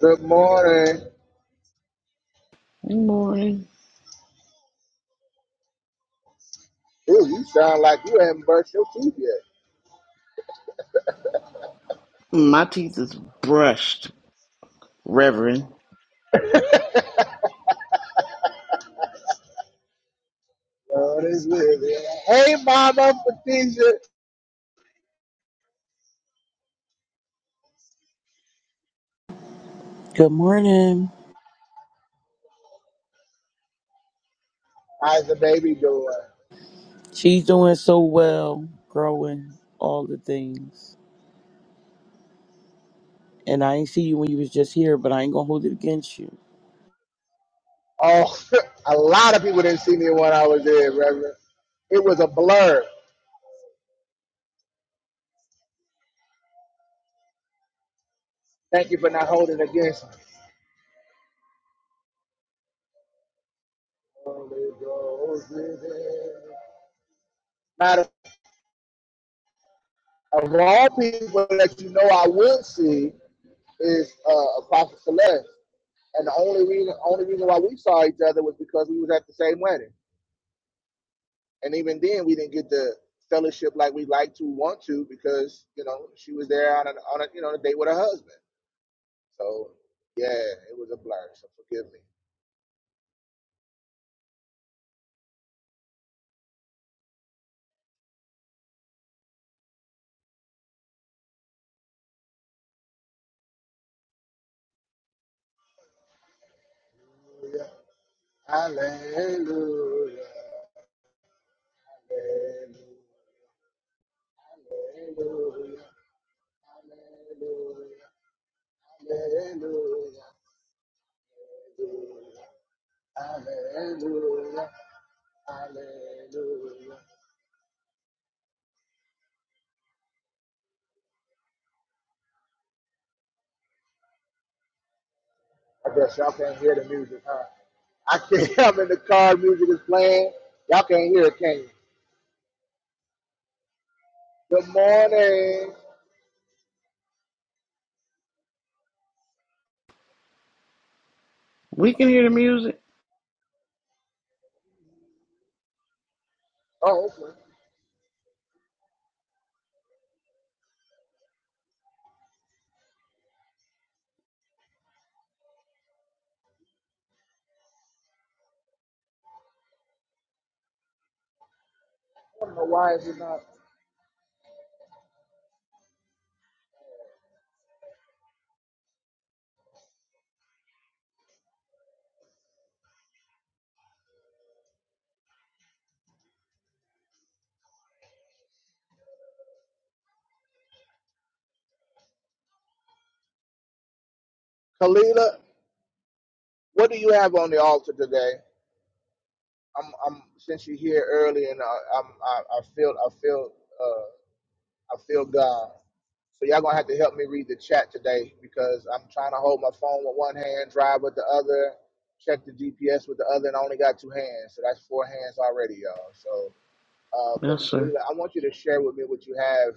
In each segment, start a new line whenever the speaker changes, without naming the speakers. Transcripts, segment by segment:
Good morning.
Good morning.
Ooh, you sound like you haven't brushed your teeth yet.
My teeth is brushed, Reverend.
God is with you. Hey, Mama Patricia.
Good morning.
How's the baby doing?
She's doing so well, growing all the things. And I ain't see you when you was just here, but I ain't gonna hold it against you.
Oh, a lot of people didn't see me when I was there, Reverend. It was a blur. Thank you for not holding against me. Matter of all people that you know I would see is uh, Apostle Celeste. And the only reason, only reason why we saw each other was because we was at the same wedding. and even then we didn't get the fellowship like we like to want to because you know she was there on a, on a you know a date with her husband so yeah it was a blur so forgive me Hallelujah. Hallelujah. Hallelujah. Hallelujah. Hallelujah. Hallelujah. I guess y'all can't hear the music, huh? I can't. I'm in the car. Music is playing. Y'all can't hear it, can you? Good morning.
We can hear the music.
Oh, okay. I don't know why is it not. Kalila, what do you have on the altar today? I'm, I'm since you're here early, and I, I'm, I, I feel, I feel, uh, I feel God. So y'all gonna have to help me read the chat today because I'm trying to hold my phone with one hand, drive with the other, check the GPS with the other, and I only got two hands, so that's four hands already, y'all. So, uh,
Yes,
but
sir.
Kalila, I want you to share with me what you have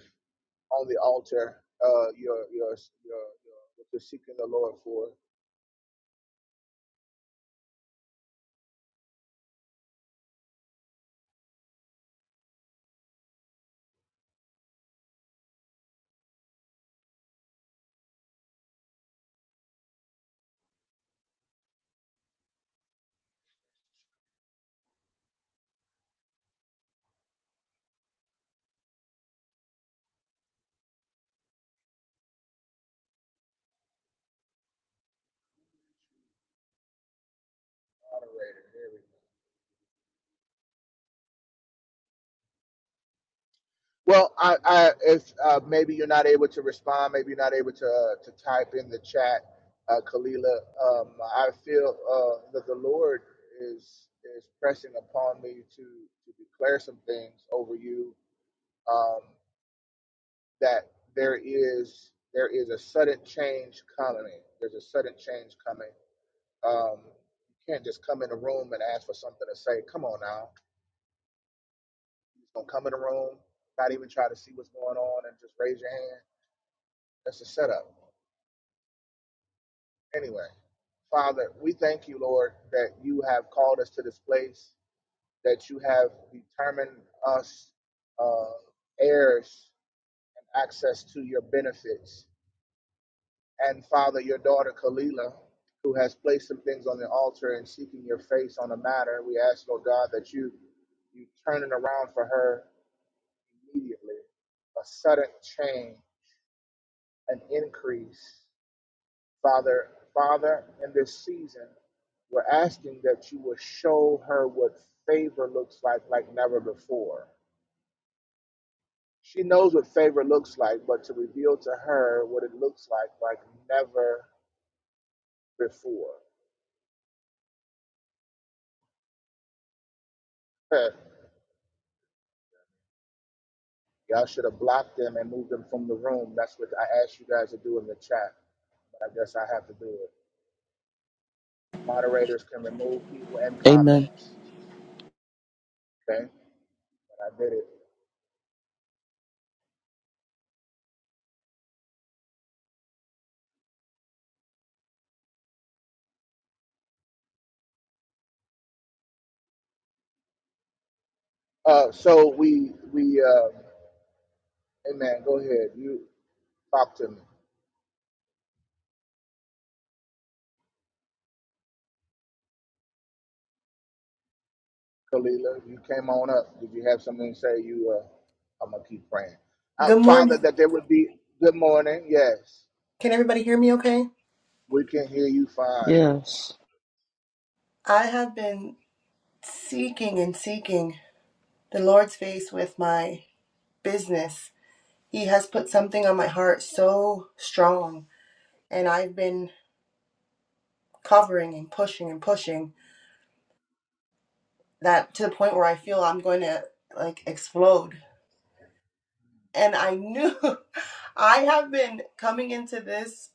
on the altar, uh, your, your, your, your what you're seeking the Lord for. Moderator, here we go. Well, I, I if uh, maybe you're not able to respond, maybe you're not able to uh, to type in the chat, uh, Kalila. Um, I feel uh, that the Lord is is pressing upon me to to declare some things over you. Um, that there is there is a sudden change coming. There's a sudden change coming. Um, you can't just come in a room and ask for something to say. Come on now, you're gonna come in a room, not even try to see what's going on, and just raise your hand. That's a setup Anyway, Father, we thank you, Lord, that you have called us to this place, that you have determined us uh, heirs and access to your benefits. And Father, your daughter Kalila, who has placed some things on the altar and seeking your face on the matter, we ask, Lord God, that you you turn it around for her immediately, a sudden change, an increase. Father, Father, in this season, we're asking that you will show her what favor looks like like never before. She knows what favor looks like, but to reveal to her what it looks like like never before. Heh. Y'all should have blocked them and moved them from the room. That's what I asked you guys to do in the chat, but I guess I have to do it. Moderators can remove people and
Amen.
comments. Okay, I did it. Uh, so we we uh, hey man, go ahead. You talk to me. Kalila, you came on up. Did you have something to say? You, uh, I'm gonna keep praying. Uh,
Good
Father,
morning.
that there would be good morning. Yes,
Can everybody hear me okay?
we can hear you fine.
Yes.
I have been seeking and seeking the Lord's face with my business. He has put something on my heart so strong, and I've been covering and pushing and pushing that to the point where I feel I'm going to like explode. And I knew I have been coming into this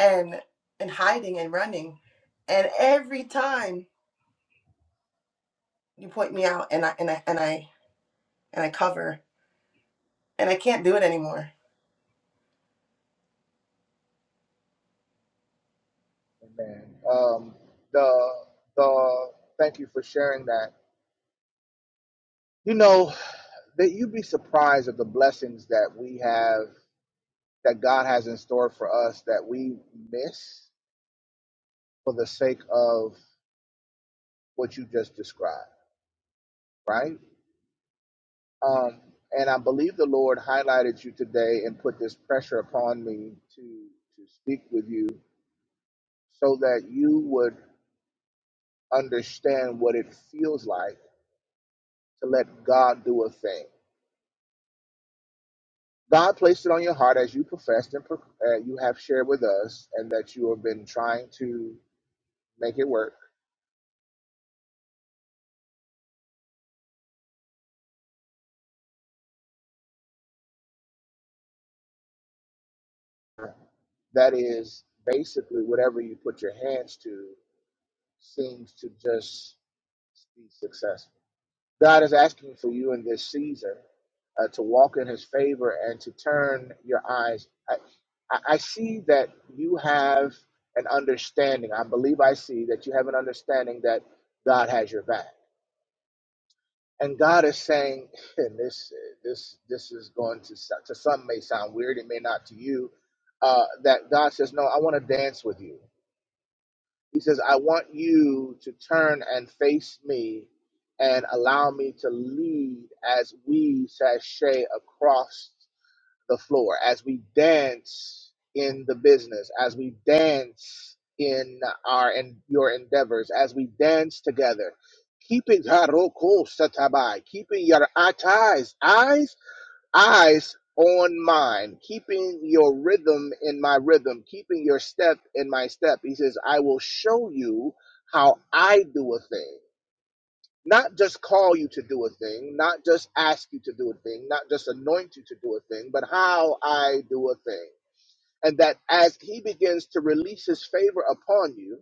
and and hiding and running, and every time you point me out and I and I and I and I cover and I can't do it anymore.
Amen. Um, the the thank you for sharing that. You know that you'd be surprised at the blessings that we have that God has in store for us that we miss for the sake of what you just described. Right? Um, and I believe the Lord highlighted you today and put this pressure upon me to to speak with you so that you would understand what it feels like to let God do a thing. God placed it on your heart as you professed and pro- uh, you have shared with us, and that you have been trying to make it work. That is basically whatever you put your hands to seems to just be successful God is asking for you in this season uh, to walk in His favor and to turn your eyes. I, I I see that you have an understanding. I believe I see that you have an understanding that God has your back, and God is saying, and this this this is going to so- to some may sound weird, it may not to you, uh, that God says, "No, I want to dance with you. He says, I want you to turn and face me and allow me to lead as we sashay across the floor, as we dance in the business, as we dance in our and your endeavors, as we dance together. Keeping keeping your eyes, eyes eyes on mine, keeping your rhythm in my rhythm, keeping your step in my step. He says, I will show you how I do a thing. Not just call you to do a thing, not just ask you to do a thing, not just anoint you to do a thing, but how I do a thing. And that as he begins to release his favor upon you,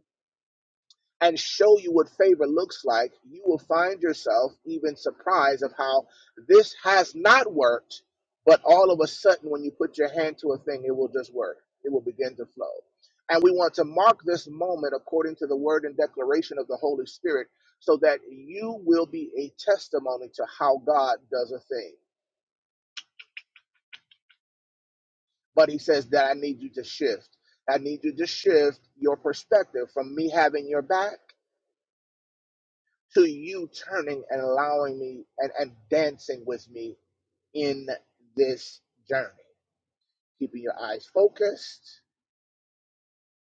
and show you what favor looks like, you will find yourself even surprised of how this has not worked, but all of a sudden, when you put your hand to a thing, it will just work. It will begin to flow. And we want to mark this moment according to the word and declaration of the Holy Spirit so that you will be a testimony to how God does a thing. But he says that I need you to shift. I need you to shift your perspective from me having your back to you turning and allowing me and, and dancing with me in this journey. Keeping your eyes focused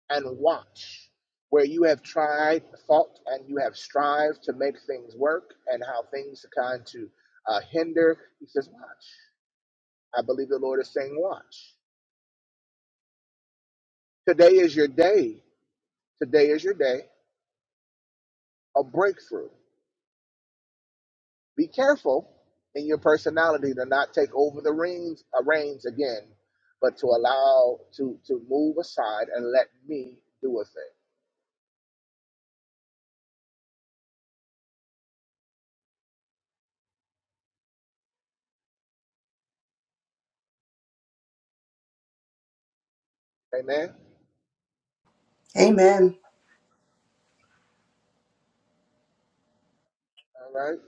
and watch where you have tried, fought, and you have strived to make things work and how things are kind to uh, hinder. He says, Watch. I believe the Lord is saying, Watch. Today is your day. Today is your day of breakthrough. Be careful in your personality to not take over the reins, uh, reins again, but to allow to to move aside and let me do a thing. Amen.
Amen.
All right.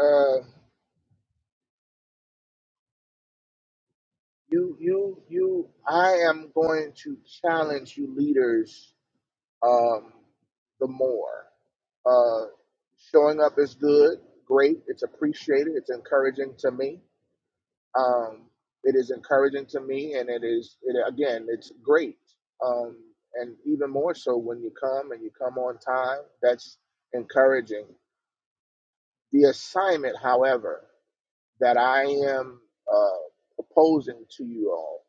Uh, you you you. I am going to challenge you leaders. Um, the more uh, showing up is good, great. It's appreciated. It's encouraging to me Um, it is encouraging to me, and it is it, again, it's great. Um, and even more so when you come and you come on time. That's encouraging. The assignment, however, that I am uh, proposing to you all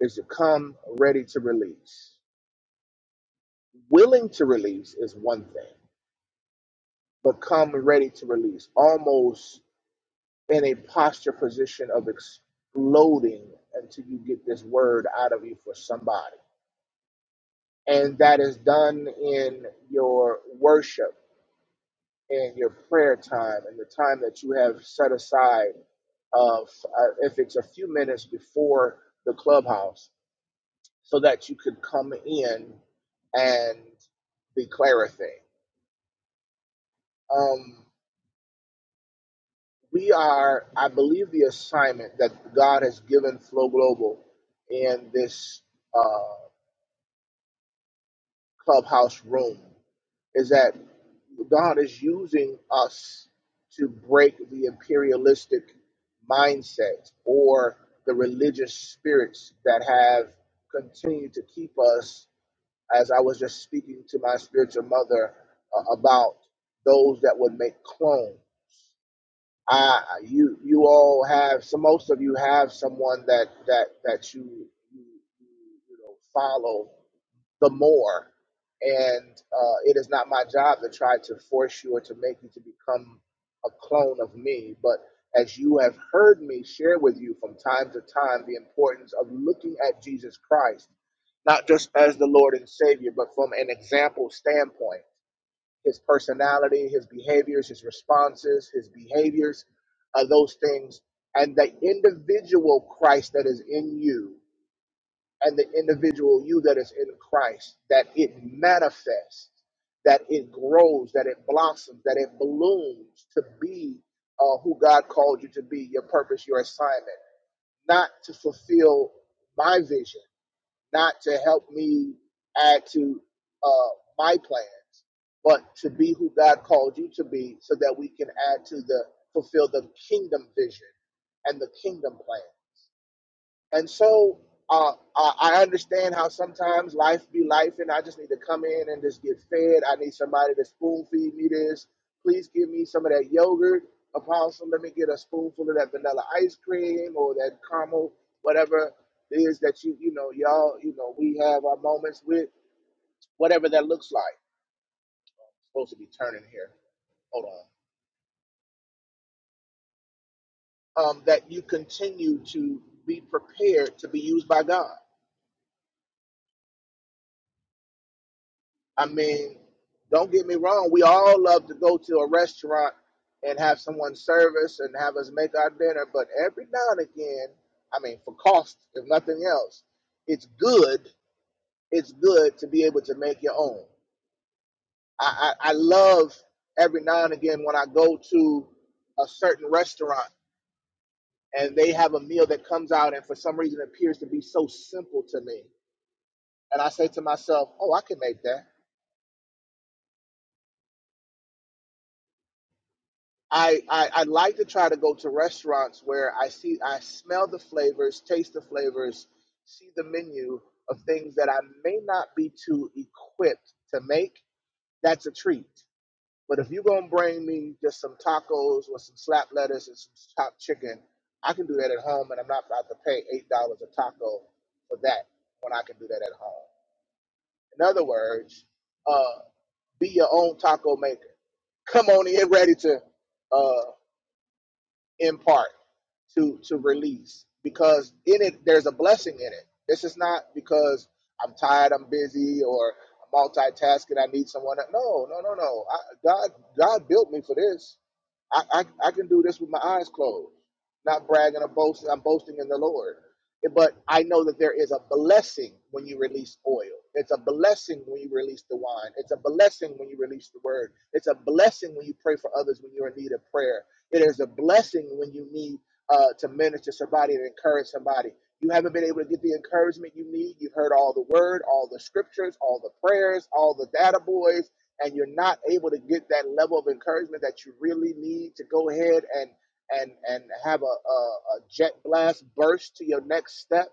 is to come ready to release. Willing to release is one thing, but come ready to release, almost in a posture position of exploding until you get this word out of you for somebody and that is done in your worship and your prayer time and the time that you have set aside of uh, if it's a few minutes before the clubhouse so that you could come in and declare a thing um, we are i believe the assignment that god has given flow global in this uh, clubhouse room is that God is using us to break the imperialistic mindset or the religious spirits that have continued to keep us, as I was just speaking to my spiritual mother uh, about those that would make clones. I, you, you all have. So most of you have someone that that that you you, you know follow the more. And uh, it is not my job to try to force you or to make you to become a clone of me. But as you have heard me share with you from time to time the importance of looking at Jesus Christ, not just as the Lord and Savior, but from an example standpoint his personality, his behaviors, his responses, his behaviors, uh, those things, and the individual Christ that is in you and the individual you that is in Christ, that it manifests, that it grows, that it blossoms, that it blooms to be uh, who God called you to be, your purpose, your assignment, not to fulfill my vision, not to help me add to uh, my plans, but to be who God called you to be so that we can add to the fulfill the kingdom vision and the kingdom plan. And so uh, I I understand how sometimes life be life, and I just need to come in and just get fed. I need somebody to spoon feed me this. Please give me some of that yogurt, Apostle. Let me get a spoonful of that vanilla ice cream or that caramel, whatever it is that you, you know, y'all, you know, we have our moments with, whatever that looks like. supposed to be turning here. Hold on. Um, that you continue to be prepared to be used by God. I mean, don't get me wrong. We all love to go to a restaurant and have someone serve us and have us make our dinner, but every now and again, I mean, for cost, if nothing else, it's good. It's good to be able to make your own. I, I, I love every now and again when I go to a certain restaurant and they have a meal that comes out and for some reason appears to be so simple to me. And I say to myself, oh, I can make that I, I I like to try to go to restaurants where I see I smell the flavors, taste the flavors, see the menu of things that I may not be too equipped to make. That's a treat. But if you're gonna bring me just some tacos with some slap lettuce and some chopped chicken, I can do that at home, and I'm not about to pay eight dollars a taco for that when I can do that at home. In other words, uh, be your own taco maker. Come on in ready to. uh, in part to to release because in it there's a blessing in it. This is not because I'm tired, I'm busy, or I'm multitasking. I need someone. no, no, no, no. I, God, God built me for this. I, I I can do this with my eyes closed, not bragging or boasting. I'm boasting in the Lord. But I know that there is a blessing when you release oil. It's a blessing when you release the wine. It's a blessing when you release the word. It's a blessing when you pray for others when you're in need of prayer it is a blessing when you need uh, to minister somebody and encourage somebody. You haven't been able to get the encouragement you need. You've heard all the word, all the scriptures, all the prayers, all the data boys, and you're not able to get that level of encouragement that you really need to go ahead and and and have a, a, a jet blast burst to your next step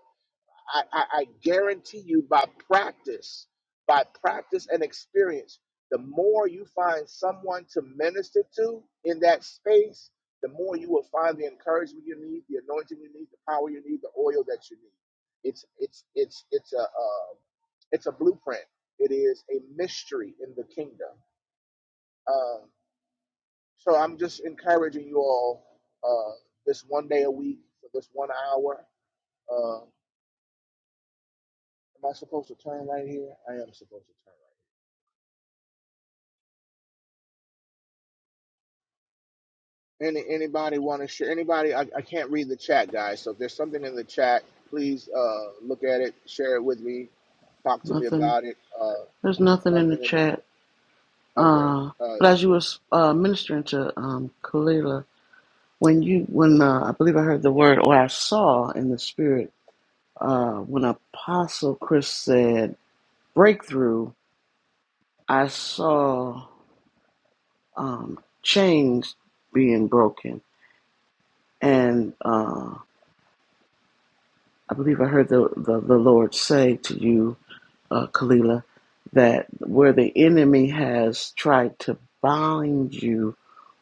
I, I, I guarantee you by practice, by practice and experience, the more you find someone to minister to in that space, the more you will find the encouragement you need, the anointing you need, the power you need, the oil that you need. It's it's it's it's a uh, it's a blueprint. It is a mystery in the kingdom. Um, so I'm just encouraging you all uh, this one day a week for this one hour. Uh, am I supposed to turn right here? I am supposed to turn right. here. Any anybody want to share? Anybody? I, I can't read the chat, guys. So if there's something in the chat, please uh look at it, share it with me, talk to me
Nothing.
about it. Uh,
There's nothing in the
nothing in the
chat.
chat. Okay.
Uh, but as you
Uh,
were uh, ministering to um, Kalila, when you, when uh, I believe I heard the word, or I saw in the spirit, uh, when Apostle Chris said breakthrough, I saw um, chains being broken, and uh, I believe I heard the, the the Lord say to you uh, Kalila, that where the enemy has tried to bind you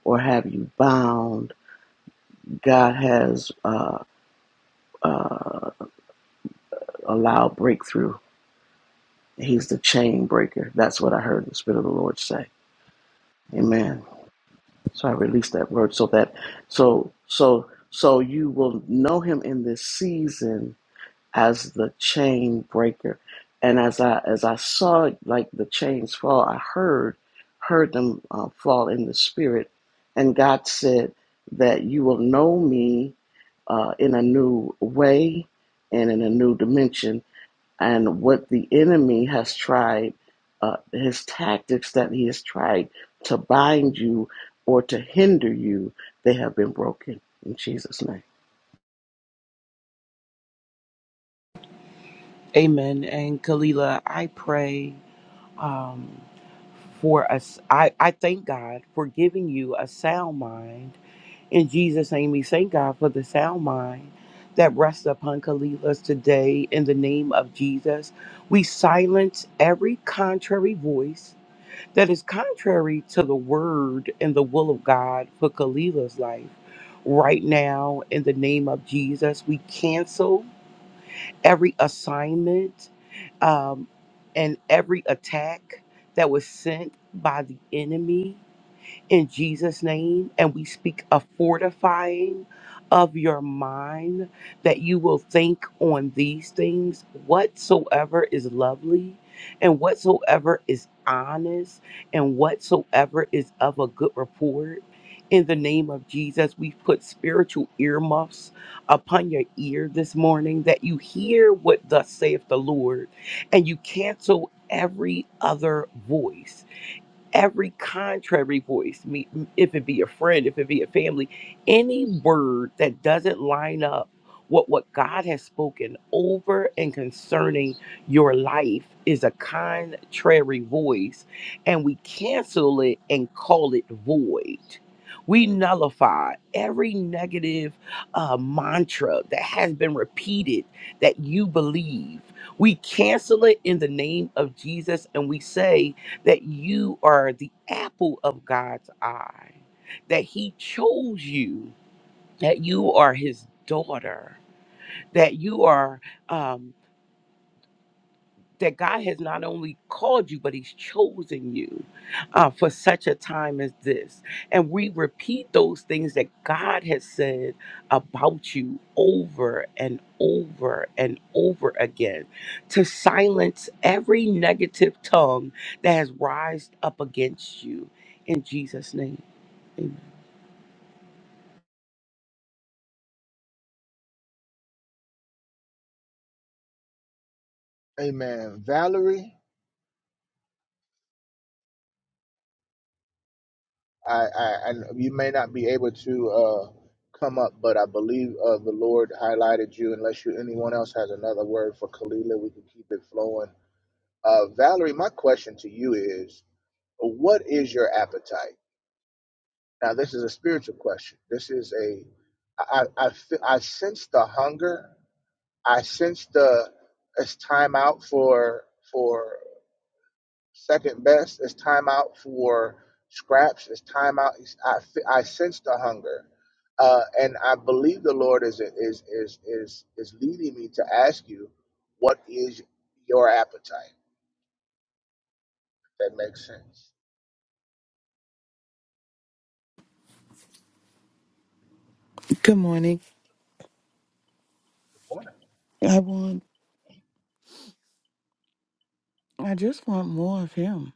or have you bound, God has uh, uh, allowed breakthrough. He's the chain breaker. That's what I heard the Spirit of the Lord say. Amen. So I released that word so that so so so you will know Him in this season as the chain breaker. And as I as I saw like the chains fall, I heard heard them uh, fall in the spirit. And God said that you will know me uh, in a new way and in a new dimension. And what the enemy has tried, uh, his tactics that he has tried to bind you or to hinder you, they have been broken in Jesus' name.
Amen. And Kalila, I pray um, for us. I, I thank God for giving you a sound mind. In Jesus' name, we thank God for the sound mind that rests upon Kalila's today. In the name of Jesus, we silence every contrary voice that is contrary to the word and the will of God for Kalila's life. Right now, in the name of Jesus, we cancel every assignment um, and every attack that was sent by the enemy in Jesus' name. And we speak a fortifying of your mind that you will think on these things whatsoever is lovely and whatsoever is honest and whatsoever is of a good report. In the name of Jesus, we put spiritual earmuffs upon your ear this morning that you hear what thus saith the Lord and you cancel every other voice every contrary voice, me- if it be a friend, if it be a family, any word that doesn't line up what what God has spoken over and concerning your life is a contrary voice, and we cancel it and call it void. We nullify every negative uh, mantra that has been repeated that you believe. We cancel it in the name of Jesus, and we say that you are the apple of God's eye, that He chose you, that you are His daughter, that you are. um, that God has not only called you, but He's chosen you uh, for such a time as this. And we repeat those things that God has said about you over and over and over again to silence every negative tongue that has rised up against you in Jesus' name. Amen.
amen. Valerie, I, I, I you may not be able to uh come up, but I believe uh the Lord highlighted you. Unless you anyone else has another word for Kalila, we can keep it flowing. Uh, Valerie, my question to you is, what is your appetite? Now, this is a spiritual question. This is a, I, I, I fe- I sense the hunger. I sense the, it's time out for, for second best. It's time out for scraps. It's time out. I, fe- I sense the hunger. Uh, and I believe the Lord is, is, is, is, is leading me to ask you, what is your appetite? That makes sense.
Good morning.
Good morning.
I want I just want more of him.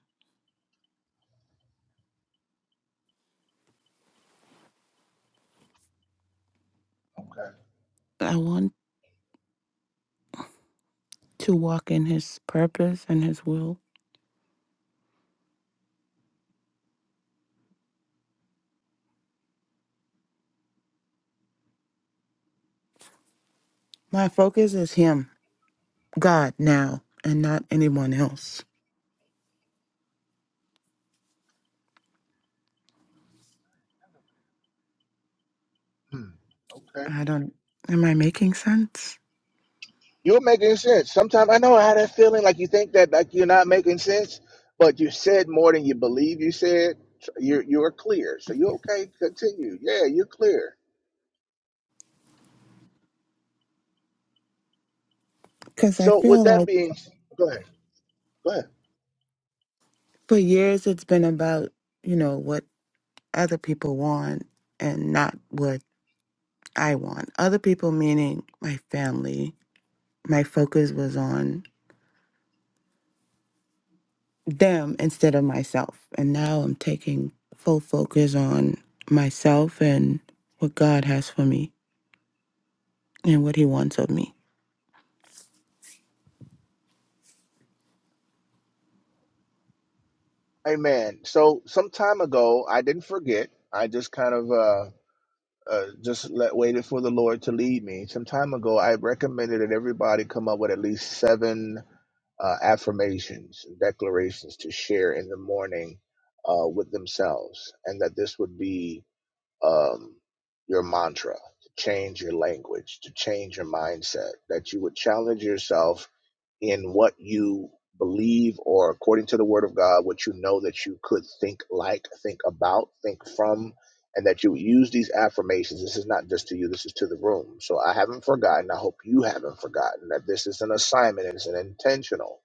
I want to walk in his purpose and his will. My focus is him, God now, and not anyone else.
Okay. Hmm.
I don't am I making sense?
You're making sense. Sometimes I know I had that feeling like you think that like you're not making sense, but you said more than you believe you said. so You're you're clear, so you're okay. Continue. Yeah, you're clear.
Cuz I
So with
feel
that
like
being, go ahead, go ahead.
for years it's been about, you know, what other people want and not what I want. Other people meaning my family. My focus was on them instead of myself. And now I'm taking full focus on myself and what God has for me and what He wants of me.
Amen. So some time ago, I didn't forget. I just kind of uh, uh just let, waited for the Lord to lead me. Some time ago, I recommended that everybody come up with at least seven uh, affirmations and declarations to share in the morning uh, with themselves, and that this would be um, your mantra to change your language, to change your mindset, that you would challenge yourself in what you believe or according to the word of God, what you know that you could think like, think about, think from. And that you would use these affirmations. This is not just to you, this is to the room. So I haven't forgotten. I hope you haven't forgotten that this is an assignment and it's an intentional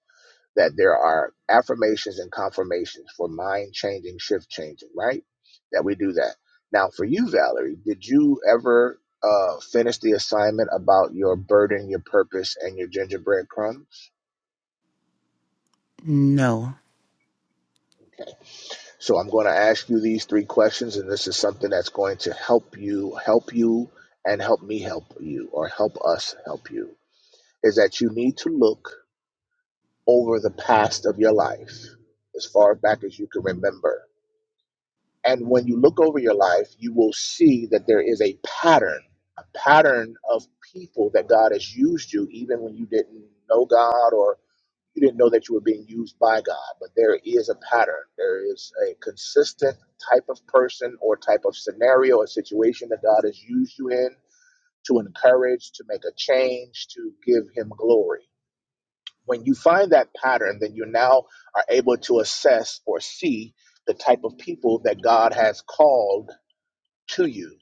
that there are affirmations and confirmations for mind changing, shift changing, right? That we do that. Now, for you, Valerie, did you ever uh, finish the assignment about your burden, your purpose, and your gingerbread crumbs?
No.
Okay. So I'm going to ask you these three questions, and this is something that's going to help you, help you, and help me help you, or help us help you. Is that you need to look over the past of your life as far back as you can remember And when you look over your life, you will see that there is a pattern, a pattern of people that God has used you, even when you didn't know God or you didn't know that you were being used by God. But there is a pattern. There is a consistent type of person or type of scenario or situation that God has used you in to encourage, to make a change, to give Him glory. When you find that pattern, then you now are able to assess or see the type of people that God has called to you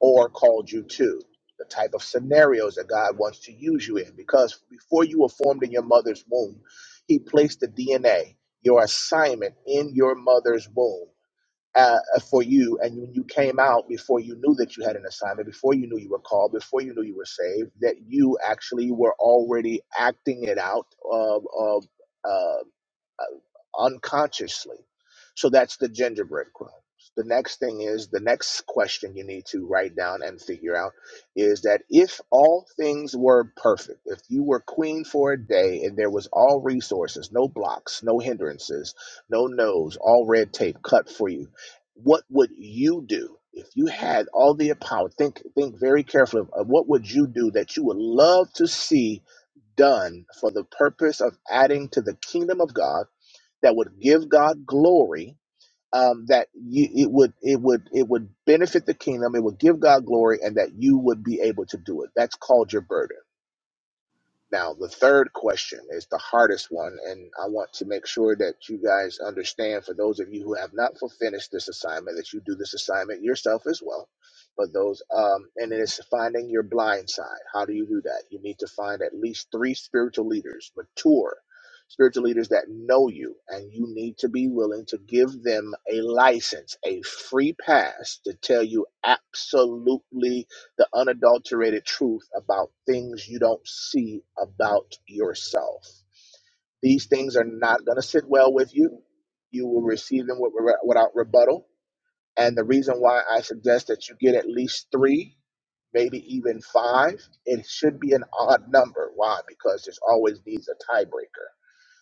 or called you to, the type of scenarios that God wants to use you in. Because before you were formed in your mother's womb, He placed the DNA, your assignment in your mother's womb. Uh, for you, and when you came out before you knew that you had an assignment, before you knew you were called, before you knew you were saved, that you actually were already acting it out uh, uh, uh, uh, unconsciously. So that's the gingerbread crumbs. The next thing is the next question you need to write down and figure out is that if all things were perfect, if you were queen for a day and there was all resources, no blocks, no hindrances, no no's, all red tape cut for you, what would you do? If you had all the power, think think very carefully of what would you do that you would love to see done for the purpose of adding to the kingdom of God that would give God glory. Um, that you, it would it would it would benefit the kingdom. It would give God glory, and that you would be able to do it. That's called your burden. Now, the third question is the hardest one, and I want to make sure that you guys understand for those of you who have not fu- finished this assignment that you do this assignment yourself as well. But those, um, and it is finding your blind side. How do you do that? You need to find at least three spiritual leaders, mature spiritual leaders that know you, and you need to be willing to give them a license, a free pass to tell you absolutely the unadulterated truth about things you don't see about yourself. These things are not going to sit well with you. You will receive them with, without rebuttal. And the reason why I suggest that you get at least three, maybe even five, it should be an odd number. Why? Because there's always needs a tiebreaker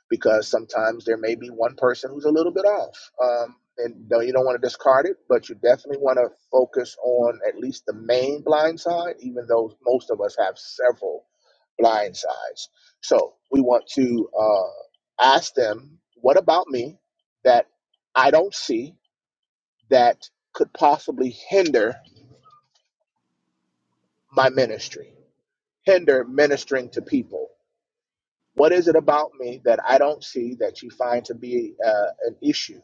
because sometimes there may be one person who's a little bit off. Um, and no, you don't want to discard it, but you definitely want to focus on at least the main blind side, even though most of us have several blind sides. So we want to uh, ask them, what about me that I don't see that could possibly hinder my ministry, hinder ministering to people? What is it about me that I don't see that you find to be uh, an issue?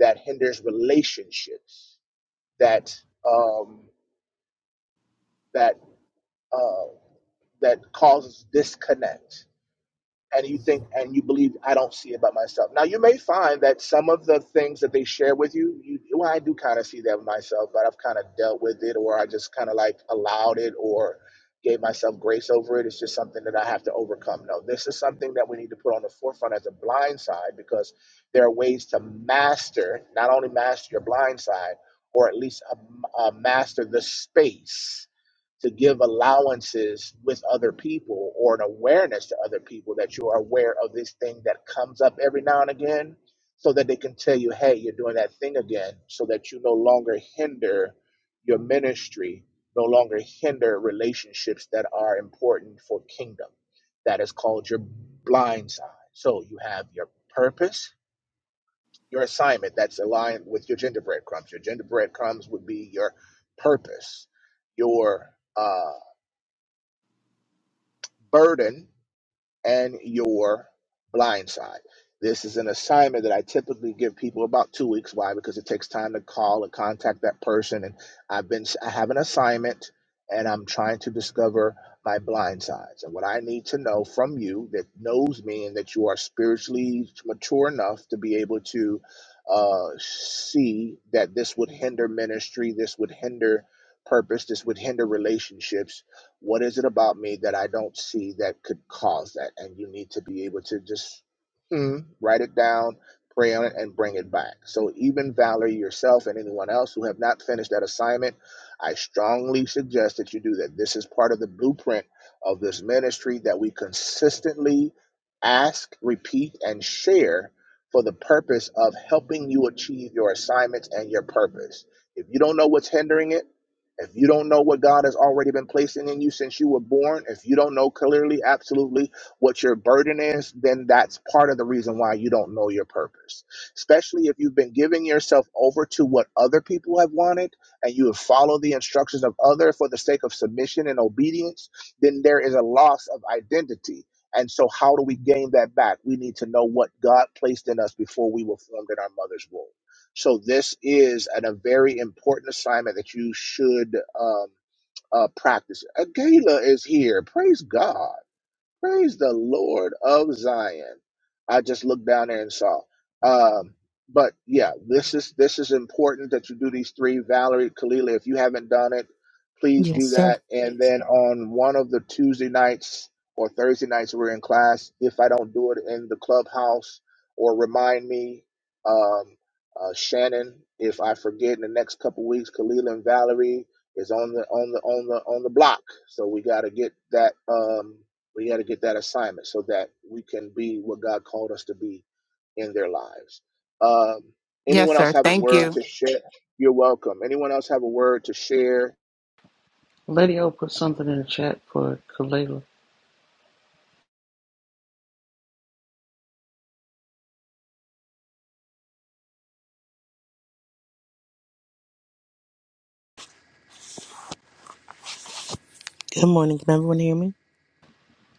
that hinders relationships, that um, that uh, that causes disconnect. and you think and you believe I don't see it by myself. Now you may find that some of the things that they share with you, you well, I do kind of see that with myself, but I've kind of dealt with it, or I just kind of like allowed it, or gave myself grace over it. It's just something that I have to overcome. No, this is something that we need to put on the forefront as a blind side because there are ways to master, not only master your blind side, or at least uh, uh, master the space to give allowances with other people or an awareness to other people that you are aware of this thing that comes up every now and again so that they can tell you, hey, you're doing that thing again, so that you no longer hinder your ministry, no longer hinder relationships that are important for kingdom. That is called your blind side. So you have your purpose, your assignment that's aligned with your gingerbread crumbs. Your gingerbread crumbs would be your purpose, your uh. burden and your blind side. This is an assignment that I typically give people about two weeks. Why? Because it takes time to call and contact that person. And I've been, I have an assignment and I'm trying to discover my blind sides and what I need to know from you that knows me and that you are spiritually mature enough to be able to uh, see that this would hinder ministry, this would hinder purpose, this would hinder relationships what is it about me that I don't see that could cause that? And you need to be able to just hmm, write it down, pray on it, and bring it back. So, even Valerie, yourself, and anyone else who have not finished that assignment, I strongly suggest that you do that. This is part of the blueprint of this ministry that we consistently ask, repeat, and share for the purpose of helping you achieve your assignments and your purpose. If you don't know what's hindering it, if you don't know what God has already been placing in you since you were born, if you don't know clearly, absolutely what your burden is, then that's part of the reason why you don't know your purpose. Especially if you've been giving yourself over to what other people have wanted and you have followed the instructions of other for the sake of submission and obedience, then there is a loss of identity. And so, how do we gain that back? We need to know what God placed in us before we were formed in our mother's womb. So this is an, a very important assignment that you should um, uh, practice. Uh, Gayla is here. Praise God. Praise the Lord of Zion. I just looked down there and saw. Um, but yeah, this is this is important that you do these three. Valerie, Kalila, if you haven't done it, please
Yes,
do
sir.
that. And then on one of the Tuesday nights or Thursday nights we're in class, if I don't do it in the clubhouse or remind me, um, uh, Shannon, if I forget in the next couple weeks, Kalila and Valerie is on the on the on the on the block. So we got to get that. Um, we got to get that assignment so that we can be what God called us to be in their lives. Um,
Yes,
anyone else
sir.
have a
Thank
word
you.
to share? You're welcome. Anyone else have a word to share?
Lady O put something in the chat for Kalela.
Good morning. Can everyone hear me?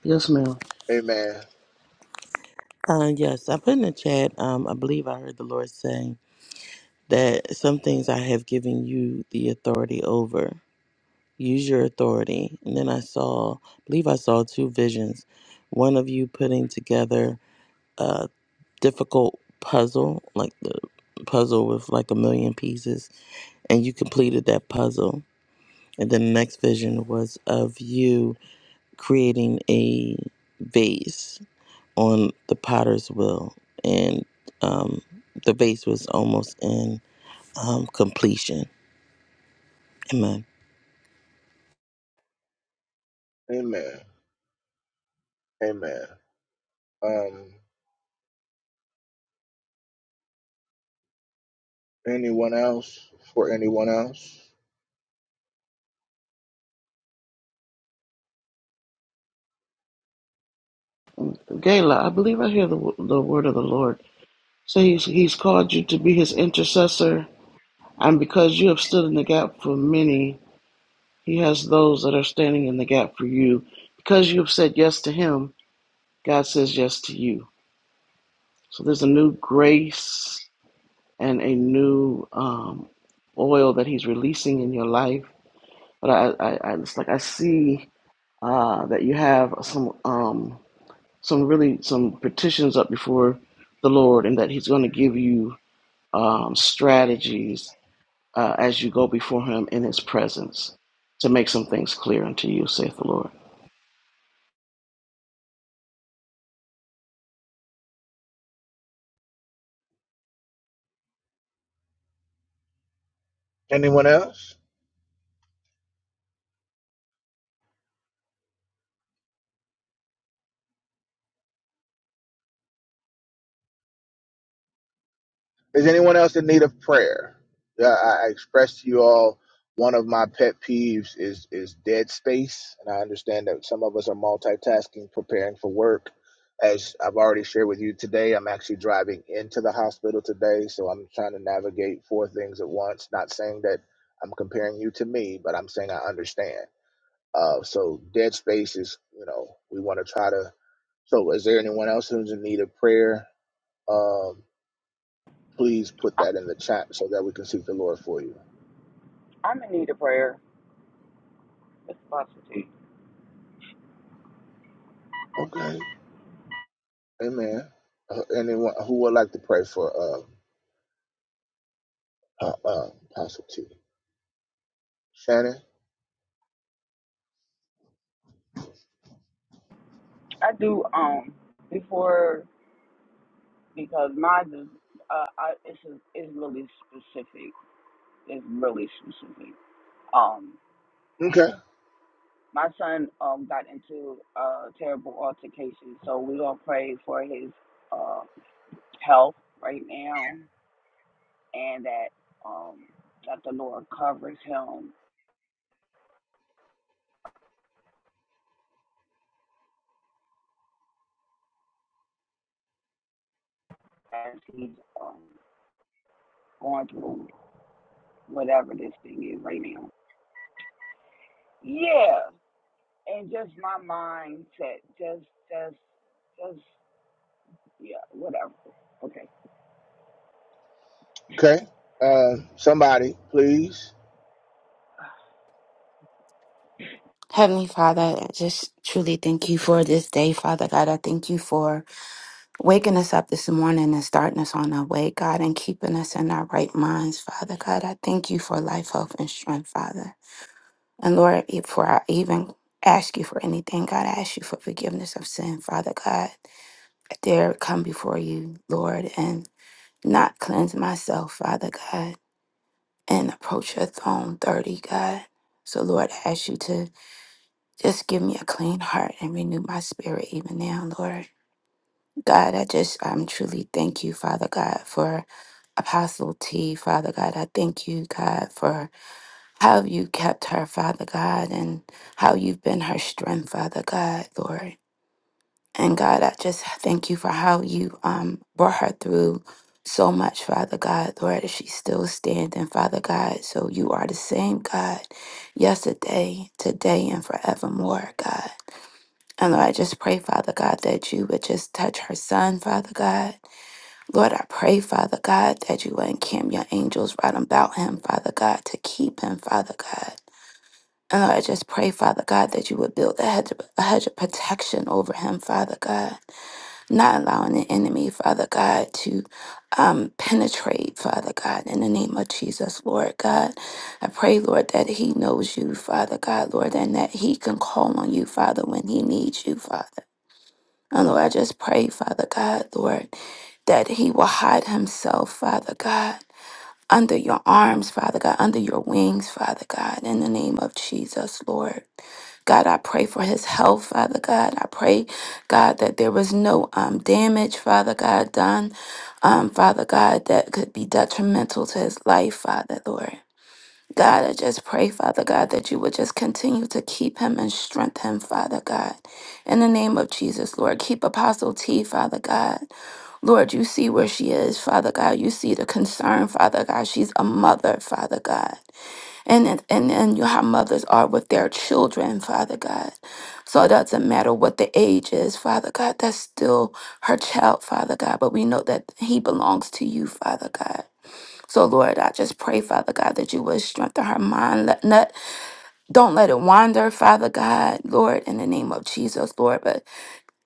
Yes, ma'am.
Amen.
Uh, yes, I put in the chat. Um, I believe I heard the Lord saying that some things I have given you the authority over. Use your authority. And then I saw, I believe I saw two visions. One of you putting together a difficult puzzle, like the puzzle with like a million pieces, and you completed that puzzle. And then the next vision was of you creating a vase on the potter's wheel, and um, the vase was almost in um, completion. Amen.
Amen. Amen. Um, anyone else? For anyone else?
Gayla, I believe I hear the, the word of the Lord. So he's, he's called you to be his intercessor, and because you have stood in the gap for many, he has those that are standing in the gap for you. Because you have said yes to him, God says yes to you. So there's a new grace and a new um, oil that he's releasing in your life. But I, I, I it's like I see uh, that you have some. Um, some really some petitions up before the Lord, and that He's going to give you um, strategies uh, as you go before Him in His presence to make some things clear unto you, saith the Lord.
Anyone else? Is anyone else in need of prayer? Yeah, I, I expressed to you all one of my pet peeves is is dead space, and I understand that some of us are multitasking, preparing for work. As I've already shared with you today, I'm actually driving into the hospital today, so I'm trying to navigate four things at once. Not saying that I'm comparing you to me, but I'm saying I understand. Uh, so dead space is, you know, we want to try to. So, is there anyone else who's in need of prayer? Um, please put
I,
that in the chat so that we can seek the Lord for you.
I'm in need of prayer. It's about it.
Okay. Amen. Uh, anyone who would like to pray for uh, uh, uh, Apostle T? Shannon?
I do um before because mine is uh I, it's is really specific. It's really specific. Um,
Okay.
my son um got into a terrible altercation, so we gonna pray for his uh health right now, and that um that the Lord covers him as he's um going through whatever this thing is right now. Yeah. and just my mindset, just, just, just, yeah, whatever. Okay.
Okay. Um, somebody, please.
Heavenly Father, I just truly thank you for this day, Father God. I thank you for waking us up this morning and starting us on our way, God, and keeping us in our right minds, Father God. I thank you for life, health, and strength, Father. And Lord, before I even ask you for anything, God, I ask you for forgiveness of sin, Father God. I dare come before you, Lord, and not cleanse myself, Father God, and approach your throne dirty, God. So, Lord, I ask you to Just give me a clean heart and renew my spirit even now, Lord. God, I just um truly thank you, Father God, for Apostle T, Father God. I thank you, God, for how you kept her, Father God, and how you've been her strength, Father God, Lord. And God, I just thank you for how you um brought her through so much, Father God, Lord, she's still standing, Father God. So you are the same God yesterday, today, and forevermore, God. And Lord, I just pray, Father God, that you would just touch her son, Father God. Lord, I pray, Father God, that you would encamp your angels right about him, Father God, to keep him, Father God. And Lord, I just pray, Father God, that you would build a hedge, of, a hedge of protection over him, Father God. Not allowing the enemy, Father God, to um, penetrate, Father God, in the name of Jesus, Lord God. I pray, Lord, that he knows you, Father God, Lord, and that he can call on you, Father, when he needs you, Father. And Lord, I just pray, Father God, Lord, that he will hide himself, Father God, under your arms, Father God, under your wings, Father God, in the name of Jesus, Lord. God, I pray for his health, Father God. I pray, God, that there was no um, damage, Father God, done, um, Father God, that could be detrimental to his life, Father, Lord. God, I just pray, Father God, that you would just continue to keep him and strengthen him, Father God. In the name of Jesus, Lord, keep Apostle T, Father God. Lord, you see where she is, Father God. You see the concern, Father God. She's a mother, Father God. And and and you how mothers are with their children, Father God. So it doesn't matter what the age is, Father God, that's still her child, Father God. But we know that he belongs to you, Father God. So, Lord, I just pray, Father God, that you would strengthen her mind. Let not, don't let it wander, Father God, Lord, in the name of Jesus, Lord. But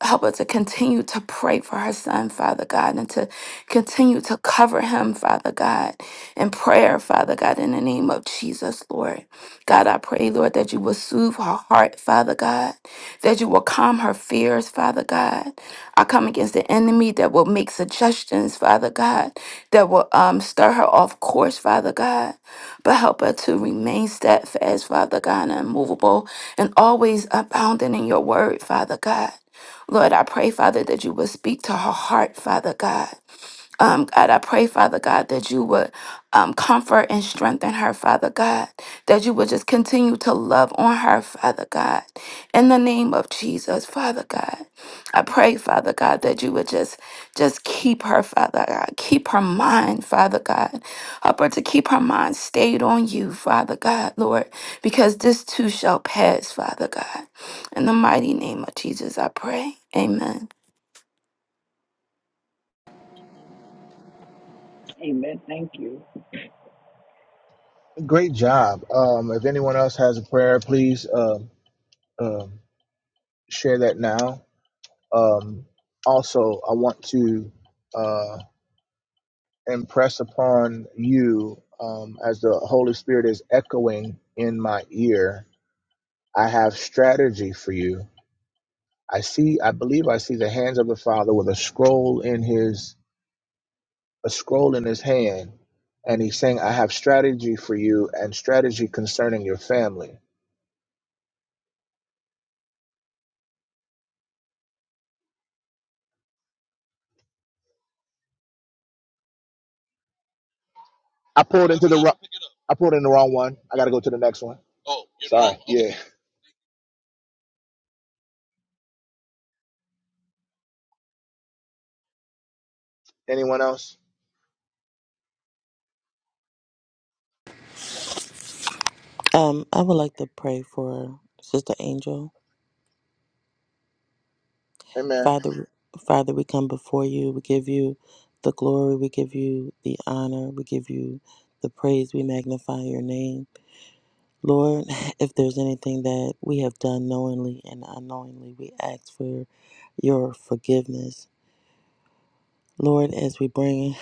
Help her to continue to pray for her son, Father God, and to continue to cover him, Father God, in prayer, Father God, in the name of Jesus, Lord. God, I pray, Lord, that you will soothe her heart, Father God, that you will calm her fears, Father God. I come against the enemy that will make suggestions, Father God, that will um, stir her off course, Father God, but help her to remain steadfast, Father God, and immovable, and always abounding in your word, Father God. Lord, I pray, Father, that you would speak to her heart, Father God. Um, God, I pray, Father God, that you would um, comfort and strengthen her, Father God, that you would just continue to love on her, Father God. In the name of Jesus, Father God, I pray, Father God, that you would just just keep her, Father God, keep her mind, Father God, help her to keep her mind stayed on you, Father God, Lord, because this too shall pass, Father God. In the mighty name of Jesus, I pray. Amen.
Amen. Thank you.
Great job. Um, if anyone else has a prayer, please um, um, share that now. Um, also, I want to uh, impress upon you um, as the Holy Spirit is echoing in my ear I have strategy for you. I see, I believe I see the hands of the Father with a scroll in his a scroll in his hand, and he's saying, I have strategy for you and strategy concerning your family. I pulled into the wrong I pulled in the wrong one. I gotta go to the next one. Sorry. Yeah. Anyone else?
Um, I would like to pray for Sister Angel.
Amen.
Father, Father, we come before you. We give you the glory. We give you the honor. We give you the praise. We magnify your name, Lord. If there's anything that we have done knowingly and unknowingly, we ask for your forgiveness. Lord, as we bring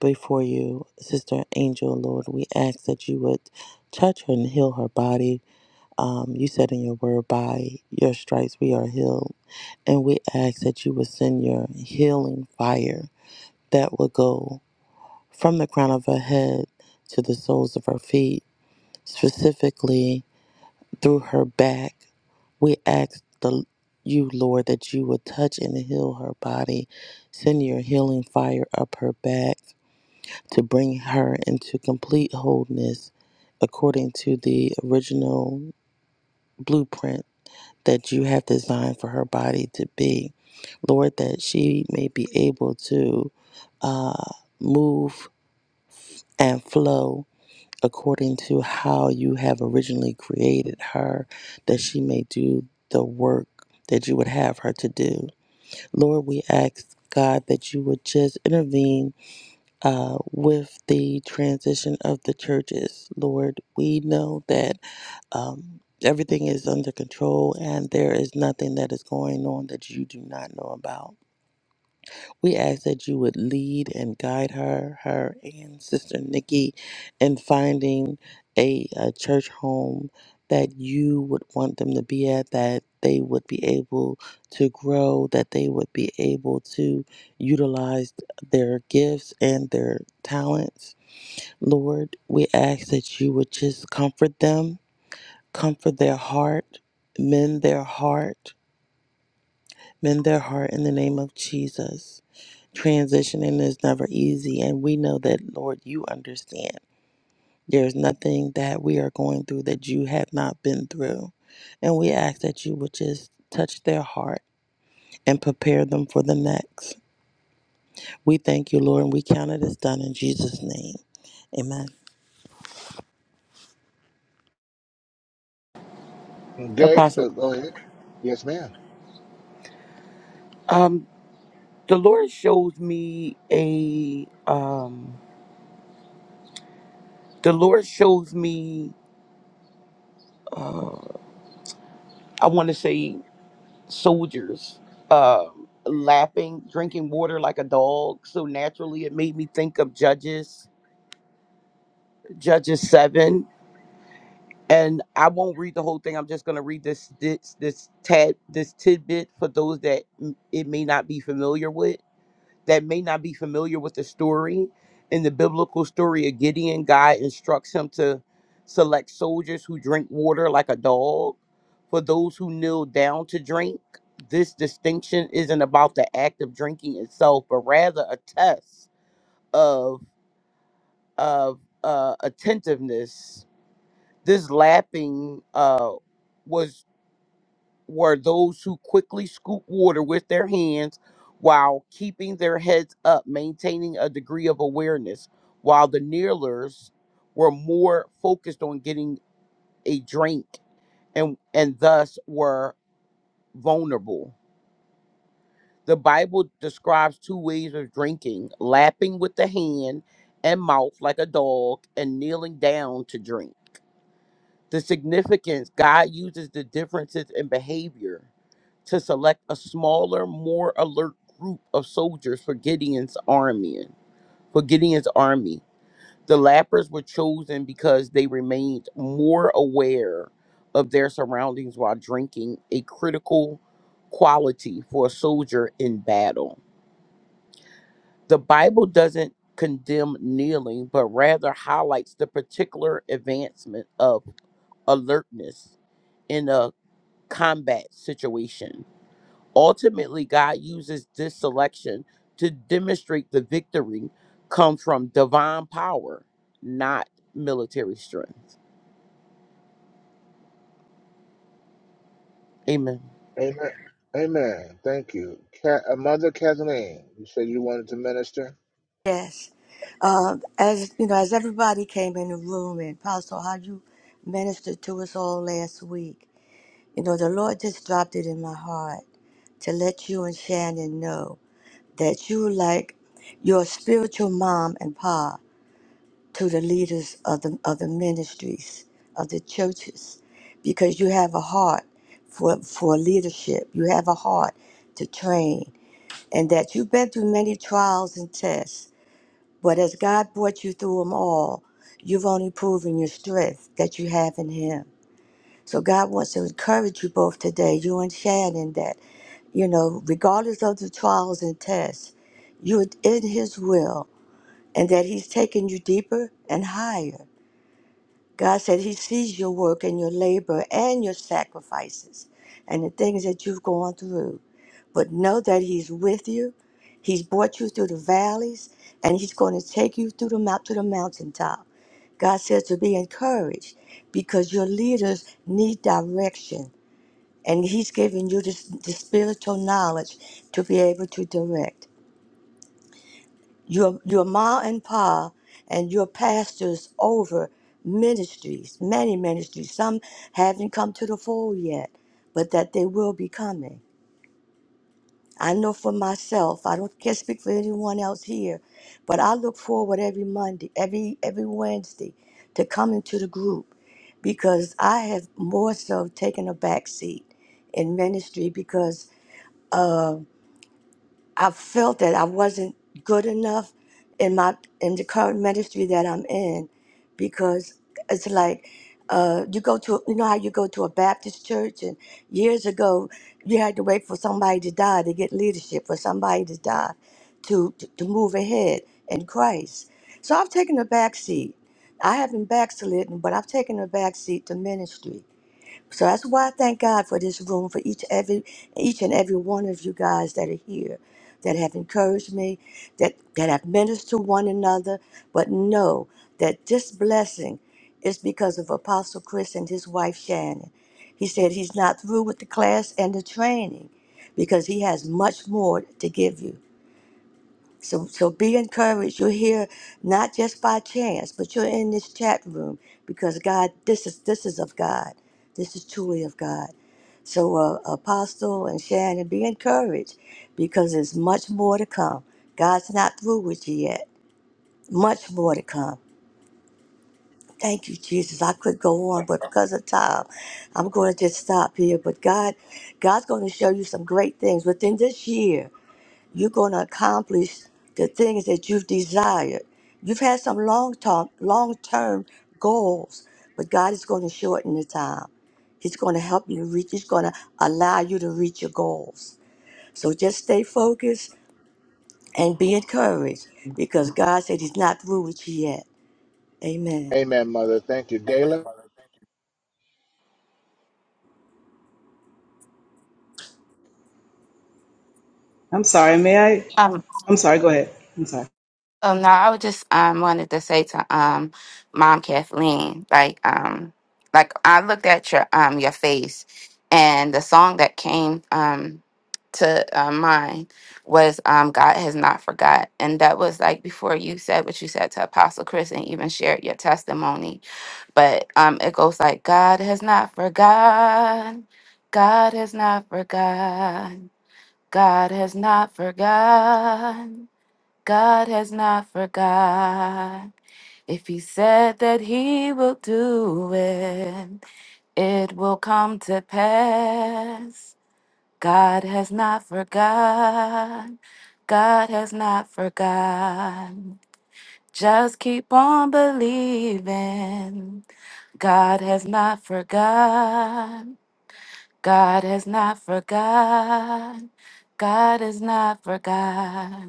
before you Sister Angel, Lord, we ask that you would touch her and heal her body. Um, you said in your word, by your stripes we are healed. And we ask that you would send your healing fire that will go from the crown of her head to the soles of her feet, specifically through her back. We ask the you, Lord, that you would touch and heal her body. Send your healing fire up her back to bring her into complete wholeness according to the original blueprint that you have designed for her body to be. Lord, that she may be able to uh, move and flow according to how you have originally created her, that she may do the work that you would have her to do. Lord, we ask God that you would just intervene uh, with the transition of the churches. Lord, we know that um, everything is under control and there is nothing that is going on that you do not know about. We ask that you would lead and guide her, her and Sister Nikki in finding a, a church home that you would want them to be at, that they would be able to grow, that they would be able to utilize their gifts and their talents Lord, we ask that you would just comfort them, comfort their heart, mend their heart, mend their heart in the name of Jesus. Transitioning is never easy, and we know that, Lord, you understand. There's nothing that we are going through that you have not been through. And we ask that you would just touch their heart and prepare them for the next. We thank you, Lord, and we count it as done in Jesus' name. Amen.
Okay.
Apostle,
Uh, go ahead. Yes, ma'am.
um, the Lord shows me a, um, the Lord shows me, uh, I want to say soldiers um, lapping, drinking water like a dog. So naturally, it made me think of Judges, Judges seven. And I won't read the whole thing. I'm just gonna read this this this tad this tidbit for those that m- it may not be familiar with that may not be familiar with the story. In the biblical story of Gideon, God instructs him to select soldiers who drink water like a dog. For those who kneel down to drink, this distinction isn't about the act of drinking itself, but rather a test of of uh, attentiveness. This lapping uh, was were those who quickly scoop water with their hands while keeping their heads up, maintaining a degree of awareness, while the kneelers were more focused on getting a drink and, and thus were vulnerable. The Bible describes two ways of drinking lapping with the hand and mouth like a dog, and kneeling down to drink. The significance God uses the differences in behavior to select a smaller, more alert group of soldiers for Gideon's army. For Gideon's army, the lappers were chosen because they remained more aware of their surroundings while drinking, a critical quality for a soldier in battle. The Bible doesn't condemn kneeling, but rather highlights the particular advancement of alertness in a combat situation. Ultimately, God uses this selection to demonstrate the victory come from divine power, not military strength. Amen.
Amen. Amen. Thank you. Ca- uh, Mother Kathleen, you said you wanted to minister.
Yes. Uh, as you know, as everybody came in the room and Pastor, how you ministered to us all last week, you know, the Lord just dropped it in my heart to let you and Shannon know that you were like your spiritual mom and pa to the leaders of the of the ministries of the churches, because you have a heart for for leadership. You have a heart to train, and that you've been through many trials and tests but as God brought you through them all, you've only proven your strength that you have in Him. So God wants to encourage you both today, you and Shannon, that, you know, regardless of the trials and tests, you're in His will and that He's taking you deeper and higher. God said He sees your work and your labor and your sacrifices and the things that you've gone through but know that he's with you. He's brought you through the valleys and he's going to take you through the mount to the mountaintop. God says to be encouraged because your leaders need direction and he's giving you this, the spiritual knowledge to be able to direct. Your your ma and pa and your pastors over ministries, many ministries. Some haven't come to the full yet, but that they will be coming I know for myself, I don't can't speak for anyone else here, but I look forward every Monday, every every Wednesday to coming to the group because I have more so taken a back seat in ministry because uh, I felt that I wasn't good enough in my in the current ministry that I'm in, because it's like uh, you go to you know how you go to a Baptist church and years ago you had to wait for somebody to die to get leadership for somebody to die to to, to move ahead in Christ. So I've taken a back seat. I haven't backslidden, but I've taken a back seat to ministry so that's why I thank God for this room, for each every each and every one of you guys that are here, that have encouraged me, that that have ministered to one another. But know that this blessing is because of Apostle Chris and his wife Shannon. He said he's not through with the class and the training because he has much more to give you. So, so be encouraged. You're here not just by chance, but you're in this chat room because God, this is this is of God. This is truly of God. So, uh, Apostle and Shannon, be encouraged because there's much more to come. God's not through with you yet. Much more to come. Thank you, Jesus. I could go on, but because of time, I'm going to just stop here. But God, God's going to show you some great things within this year you're going to accomplish the things that you've desired. You've had some long term, long term goals, but God is going to shorten the time. He's going to help you to reach. He's going to allow you to reach your goals. So just stay focused and be encouraged, because God said He's not through with you yet. Amen.
Amen, Mother. Thank you. Gayla.
I'm sorry, may I? I'm sorry, go ahead. I'm sorry.
Oh no, I would just um wanted to say to um mom Kathleen, like um like I looked at your um your face and the song that came um to uh, mind was um God has not forgot and that was like before you said what you said to Apostle Chris and even shared your testimony but um it goes like God has not forgot God has not forgot God has not forgot God has not forgot. If he said that he will do it, it will come to pass. God has not forgot. God has not forgot. Just keep on believing. God has not forgot. God has not forgot. God has not forgot.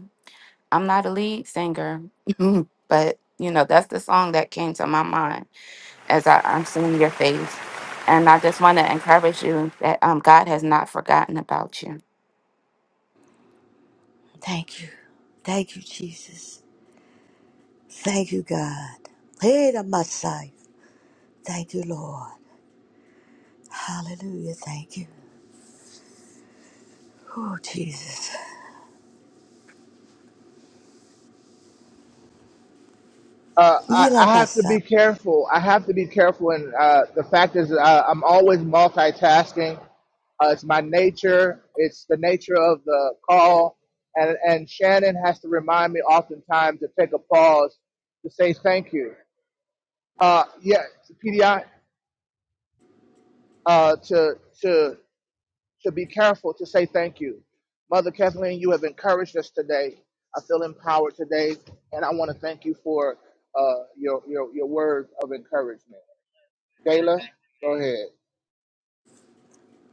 I'm not a lead singer, but you know, that's the song that came to my mind as I, I'm seeing your face. And I just want to encourage you that um, God has not forgotten about you.
Thank you, thank you, Jesus. Thank you, God. Hey, the Messiah. Thank you, Lord. Hallelujah. Thank you. Oh, Jesus.
uh, I, I have to
Yilabasa.
be careful. I have to be careful, and uh, the fact is, uh, I'm always multitasking. Uh, it's my nature. It's the nature of the call, and and Shannon has to remind me oftentimes to take a pause to say thank you. Uh, yeah, to PDI, uh, to to to be careful to say thank you. Mother Kathleen, you have encouraged us today. I feel empowered today, and I want to thank you for uh, your your your words of encouragement. Kayla, go ahead.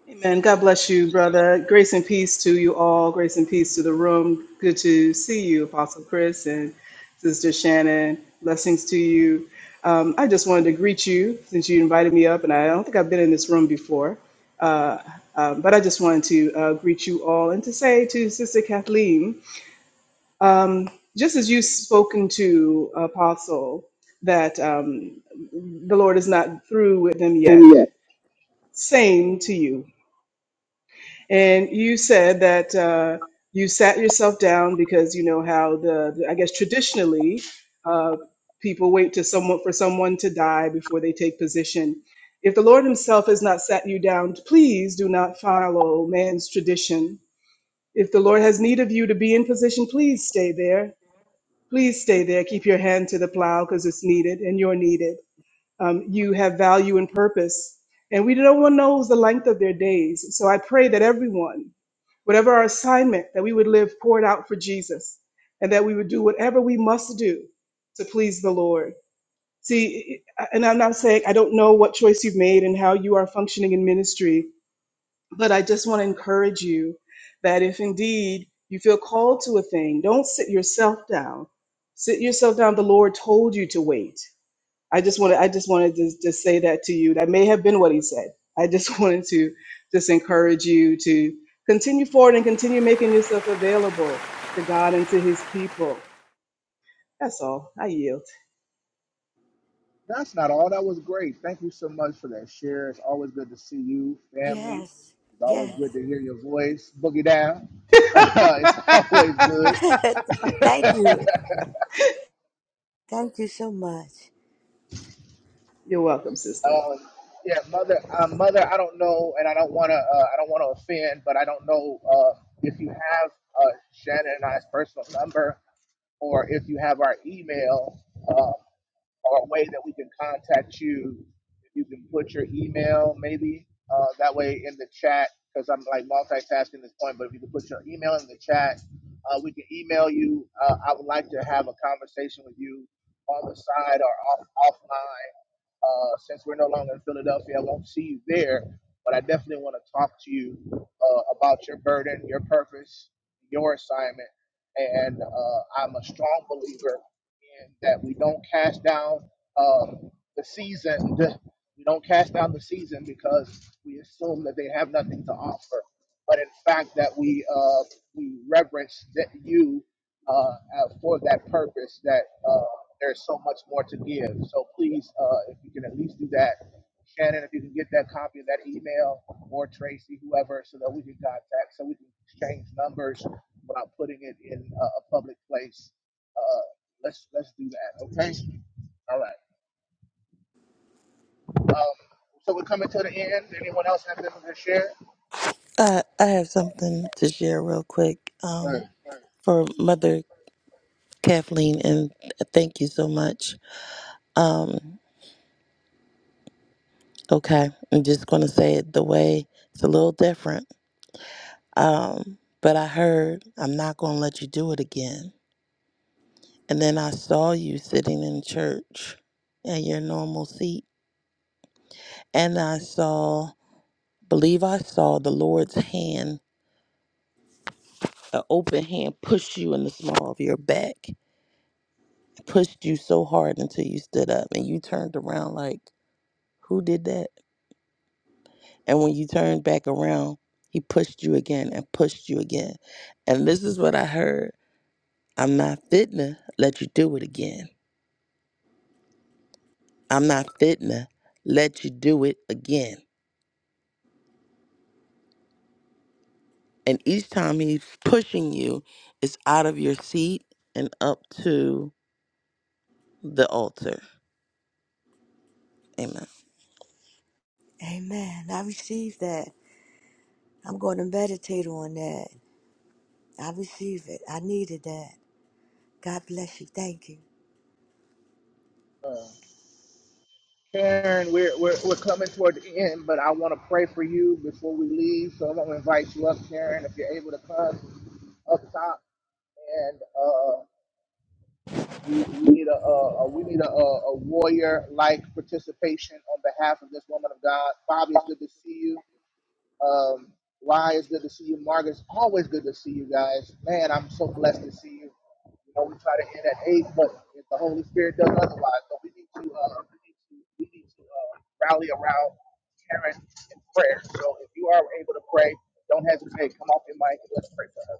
Amen. God bless you, brother. Grace and peace to you all. Grace and peace to the room. Good to see you, Apostle Chris and Sister Shannon. Blessings to you. Um, I just wanted to greet you since you invited me up, and I don't think I've been in this room before. Uh, um, but I just wanted to uh, greet you all and to say to Sister Kathleen, um, just as you've spoken to Apostle, that um, the Lord is not through with them yet
And yet,
Same to you. And you said that uh, you sat yourself down because you know how the, the- I guess traditionally uh, people wait to someone for someone to die before they take position. If the Lord Himself has not sat you down, please do not follow man's tradition. If the Lord has need of you to be in position, please stay there. Please stay there. Keep your hand to the plow because it's needed and you're needed um, you have value and purpose. And we no one knows the length of their days. So I pray that everyone, whatever our assignment, that we would live poured out for Jesus and that we would do whatever we must do to please the Lord. See, and I'm not saying I don't know what choice you've made and how you are functioning in ministry, but I just want to encourage you that if indeed you feel called to a thing, don't sit yourself down. Sit yourself down. The Lord told you to wait. I just wanted I just wanted to just say that to you. That may have been what he said. I just wanted to just encourage you to continue forward and continue making yourself available to God and to his people. That's all. I yield.
That's not all. That was great. Thank you so much for that share. It's always good to see you, family.
Yes,
It's always
yes.
good to hear your voice. Boogie down. it's always good.
Thank you. Thank you so much.
You're welcome, sister.
Um, yeah, mother, uh, mother. I don't know, and I don't want to. Uh, I don't want to offend, but I don't know uh, if you have uh, Shannon and I's personal number, or if you have our email. Uh, or a way that we can contact you. If you can put your email, maybe uh, that way in the chat, because I'm like multitasking at this point. But if you can put your email in the chat, uh, we can email you. Uh, I would like to have a conversation with you on the side or off, offline uh, since we're no longer in Philadelphia, I won't see you there, but I definitely want to talk to you uh, about your burden, your purpose, your assignment. And uh, I'm a strong believer in that we don't cast down um, the season. We don't cast down the season because we assume that they have nothing to offer, but in fact that we uh, we reverence that you uh, uh, for that purpose that. uh, there's so much more to give. So please, uh, if you can at least do that, Shannon, if you can get that copy of that email, or Tracy, whoever, so that we can contact, so we can exchange numbers without putting it in a, a public place. Uh, let's okay. All right. So we're coming to the end. Anyone else have anything to share?
Uh, I have something to share real quick. Um,
Right.
for Mother Kathleen, and thank you so much. Okay, I'm just going to say it the way it's a little different. Um, but I heard, I'm not going to let you do it again. And then I saw you sitting in church at your normal seat, and I saw, believe I saw the Lord's hand, an open hand, push you in the small of your back, pushed you so hard until you stood up, and you turned around like, who did that? And when you turned back around, he pushed you again and pushed you again. And this is what I heard I'm not fitna let you do it again. I'm not fitna let you do it again. And each time he's pushing you, it's out of your seat and up to the altar. Amen.
Amen. I receive that. I'm going to meditate on that. I receive it. I needed that. God bless you. Thank you.
Uh, Karen, we're, we're, we're coming toward the end, but I want to pray for you before we leave. So I want to invite you up, Karen, if you're able to come up top. and. uh, We we need a, a, a we need a, a, warrior like participation on behalf of this woman of God. Bobby, it's good to see you. Um, Rye, it's good to see you. Margaret, it's always good to see you guys. Man, I'm so blessed to see you. You know, we try to end at eight, but if the Holy Spirit does otherwise, so we need to uh, we need to we need to uh, rally around Karen in prayer. So if you are able to pray, don't hesitate. Come off your mic and let's pray for her.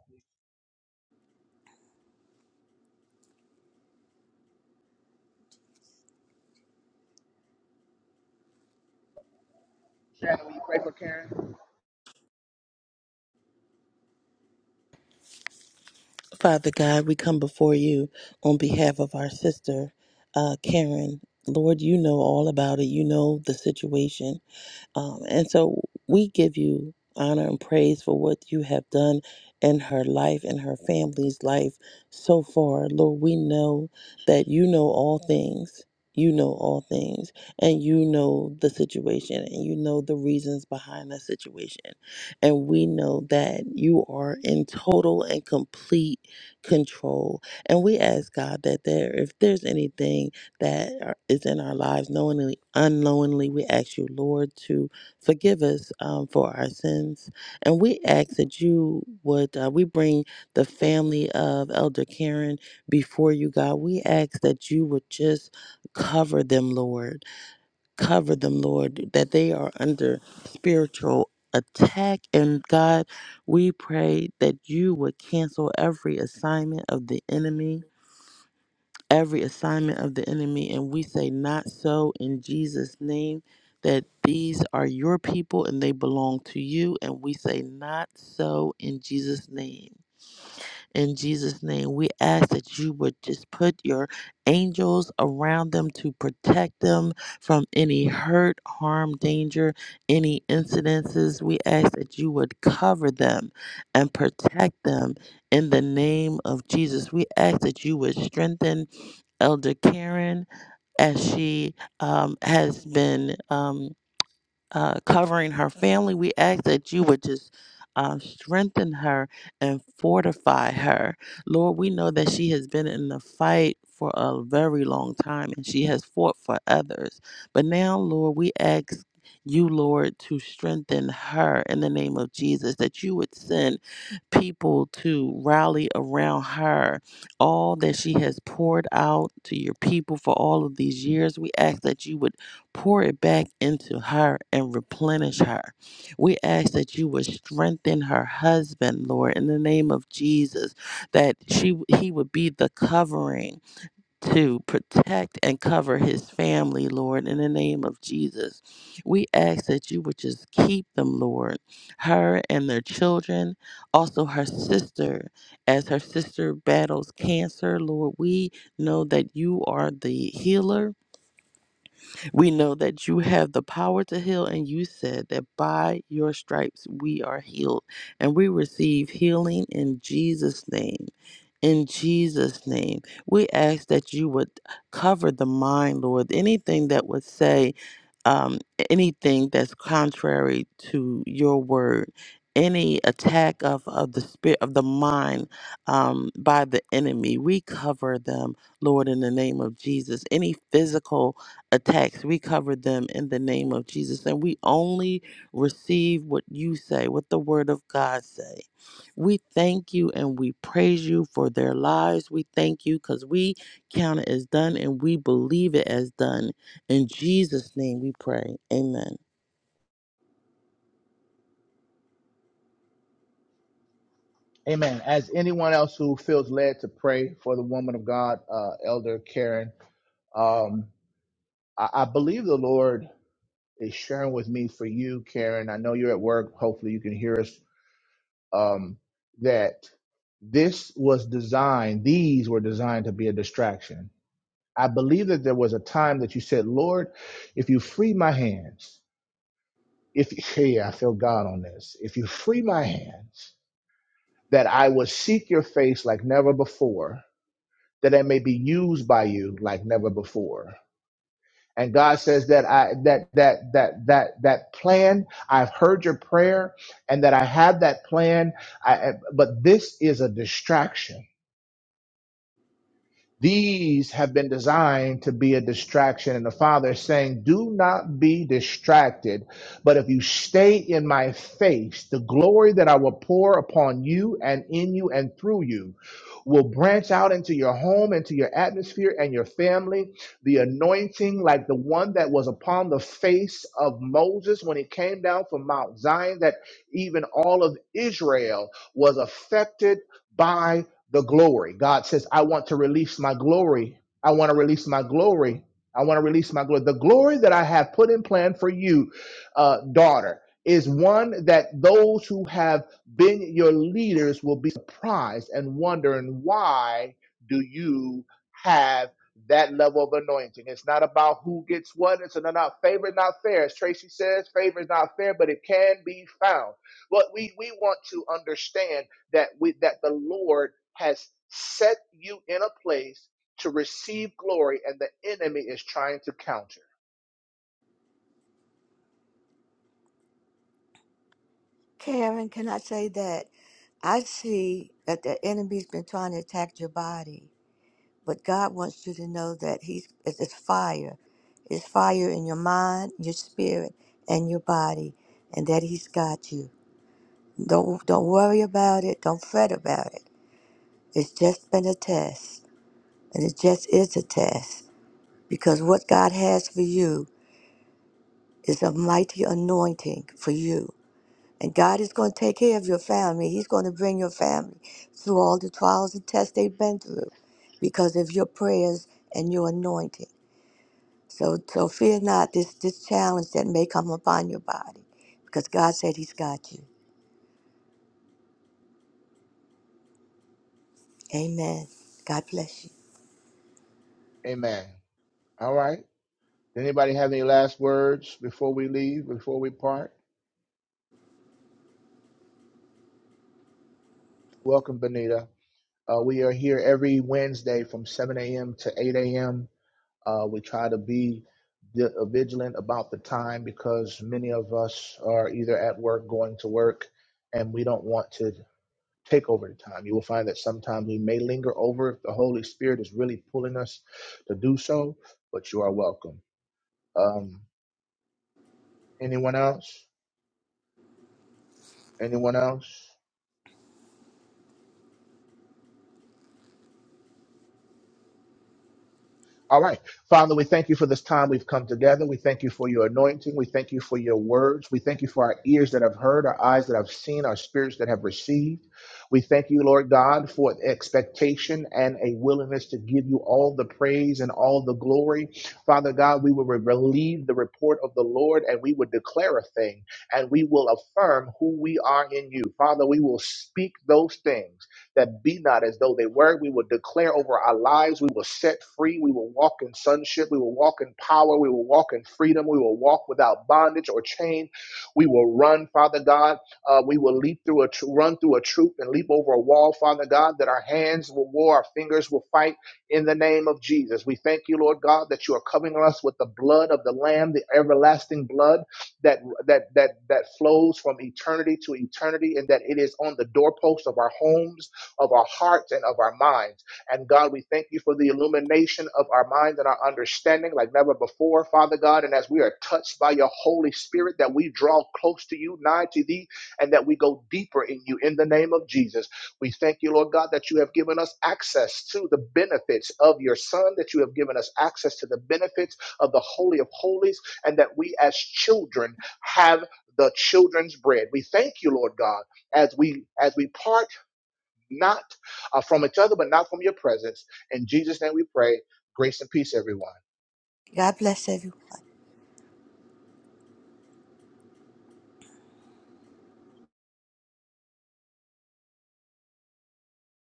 Shannon, will you pray for Karen?
Father God, we come before you on behalf of our sister, uh, Karen. Lord, you know all about it. You know the situation Um, and so we give you honor and praise for what you have done in her life and her family's life so far. Lord, we know that you know all things. You know all things, and you know the situation, and you know the reasons behind the situation. And we know that you are in total and complete control. And we ask God that there, if there's anything that are- is in our lives, knowingly, unknowingly. We ask you, Lord, to forgive us um, for our sins. And we ask that you would, uh, we bring the family of Elder Karen before you, God. We ask that you would just cover them, Lord. Cover them, Lord, that they are under spiritual attack. And God, we pray that you would cancel every assignment of the enemy every assignment of the enemy. And we say, Not so in Jesus' name, that these are your people and they belong to you. And we say, Not so in Jesus' name. In Jesus' name, we ask that you would just put your angels around them to protect them from any hurt, harm, danger, any incidences. We ask that you would cover them and protect them in the name of Jesus. We ask that you would strengthen Elder Karen as she um, has been. Um, uh, covering her family. We ask that you would just um, strengthen her and fortify her. Lord, we know that she has been in the fight for a very long time and she has fought for others. But now, Lord, we ask. You, Lord, to strengthen her in the name of Jesus, that you would send people to rally around her. All that she has poured out to your people for all of these years, we ask that you would pour it back into her and replenish her. We ask that you would strengthen her husband, Lord, in the name of Jesus, that she he would be the covering to protect and cover his family, Lord, in the name of Jesus. We ask that you would just keep them, Lord, her and their children, also her sister, as her sister battles cancer, Lord. We know that you are the healer we know that you have the power to heal, and you said that by your stripes we are healed, and we receive healing in Jesus' name. In Jesus' name, we ask that you would cover the mind, Lord. Anything that would say um, anything that's contrary to your word, any attack of, of the spirit of the mind um, by the enemy, we cover them, Lord, in the name of Jesus. Any physical attacks, we cover them in the name of Jesus. And we only receive what you say, what the word of God say. We thank you and we praise you for their lives. We thank you because we count it as done and we believe it as done in Jesus' name we pray. Amen.
Amen. As anyone else who feels led to pray for the woman of God, uh, Elder Karen, um, I, I believe the Lord is sharing with me for you, Karen. I know you're at work. Hopefully, you can hear us. Um, that this was designed; these were designed to be a distraction. I believe that there was a time that you said, "Lord, if you free my hands, if hey, I feel God on this. If you free my hands, that I will seek your face like never before." that it may be used by you like never before. And God says that I that that that that that plan, I've heard your prayer and that I have that plan, I, but this is a distraction. These have been designed to be a distraction. And the Father is saying, Do not be distracted, but if you stay in my face, the glory that I will pour upon you and in you and through you will branch out into your home, into your atmosphere, and your family. The anointing, like the one that was upon the face of Moses when he came down from Mount Zion, that even all of Israel was affected by the glory. God says, I want to release my glory. I want to release my glory. I want to release my glory. The glory that I have put in plan for you, uh, daughter, is one that those who have then your leaders will be surprised and wondering why do you have that level of anointing. It's not about who gets what. It's not favor, not fair. As Tracy says, favor is not fair, but it can be found. What we we want to understand that we that the Lord has set you in a place to receive glory, and the enemy is trying to counter.
Karen, can I say that? I see that the enemy's been trying to attack your body, but God wants you to know that He's it's it's fire. It's fire in your mind, your spirit, and your body, and that He's got you. Don't don't worry about it. Don't fret about it. It's just been a test, and it just is a test because what God has for you is a mighty anointing for you, and God is going to take care of your family. He's going to bring your family through all the trials and tests they've been through because of your prayers and your anointing. So so fear not this this challenge that may come upon your body because God said He's got you. Amen. God bless you.
Amen. All right. Anybody have any last words before we leave? Before we part? Welcome, Benita. Uh, we are here every Wednesday from 7 a.m. to 8 a.m. Uh, we try to be vi- uh, vigilant about the time because many of us are either at work, going to work, and we don't want to take over the time. You will find that sometimes we may linger over if the Holy Spirit is really pulling us to do so, but you are welcome. Um, anyone else? Anyone else? All right. Father, we thank you for this time we've come together. We thank you for your anointing. We thank you for your words. We thank you for our ears that have heard, our eyes that have seen, our spirits that have received. We thank you, Lord God, for the expectation and a willingness to give you all the praise and all the glory. Father God, we will relieve the report of the Lord and we will declare a thing and we will affirm who we are in you. Father, we will speak those things that be not as though they were. We will declare over our lives. We will set free. We will walk in sonship. We will walk in power. We will walk in freedom. We will walk without bondage or chain. We will run, Father God. Uh, we will leap through a tr- run through a troop and leap over a wall, Father God. That our hands will war, our fingers will fight in the name of Jesus. We thank you, Lord God, that you are covering us with the blood of the Lamb, the everlasting blood that that that that flows from eternity to eternity, and that it is on the doorpost of our homes of our hearts and of our minds. And God, we thank you for the illumination of our minds and our understanding like never before, Father God. And as we are touched by your Holy Spirit, that we draw close to you, nigh to thee, and that we go deeper in you in the name of Jesus. We thank you, Lord God, that you have given us access to the benefits of your Son, that you have given us access to the benefits of the Holy of Holies, and that we as children have the children's bread. We thank you, Lord God, as we as we partake not uh, from each other, but not from your presence. In Jesus' name we pray. Grace and peace, everyone.
God bless everyone.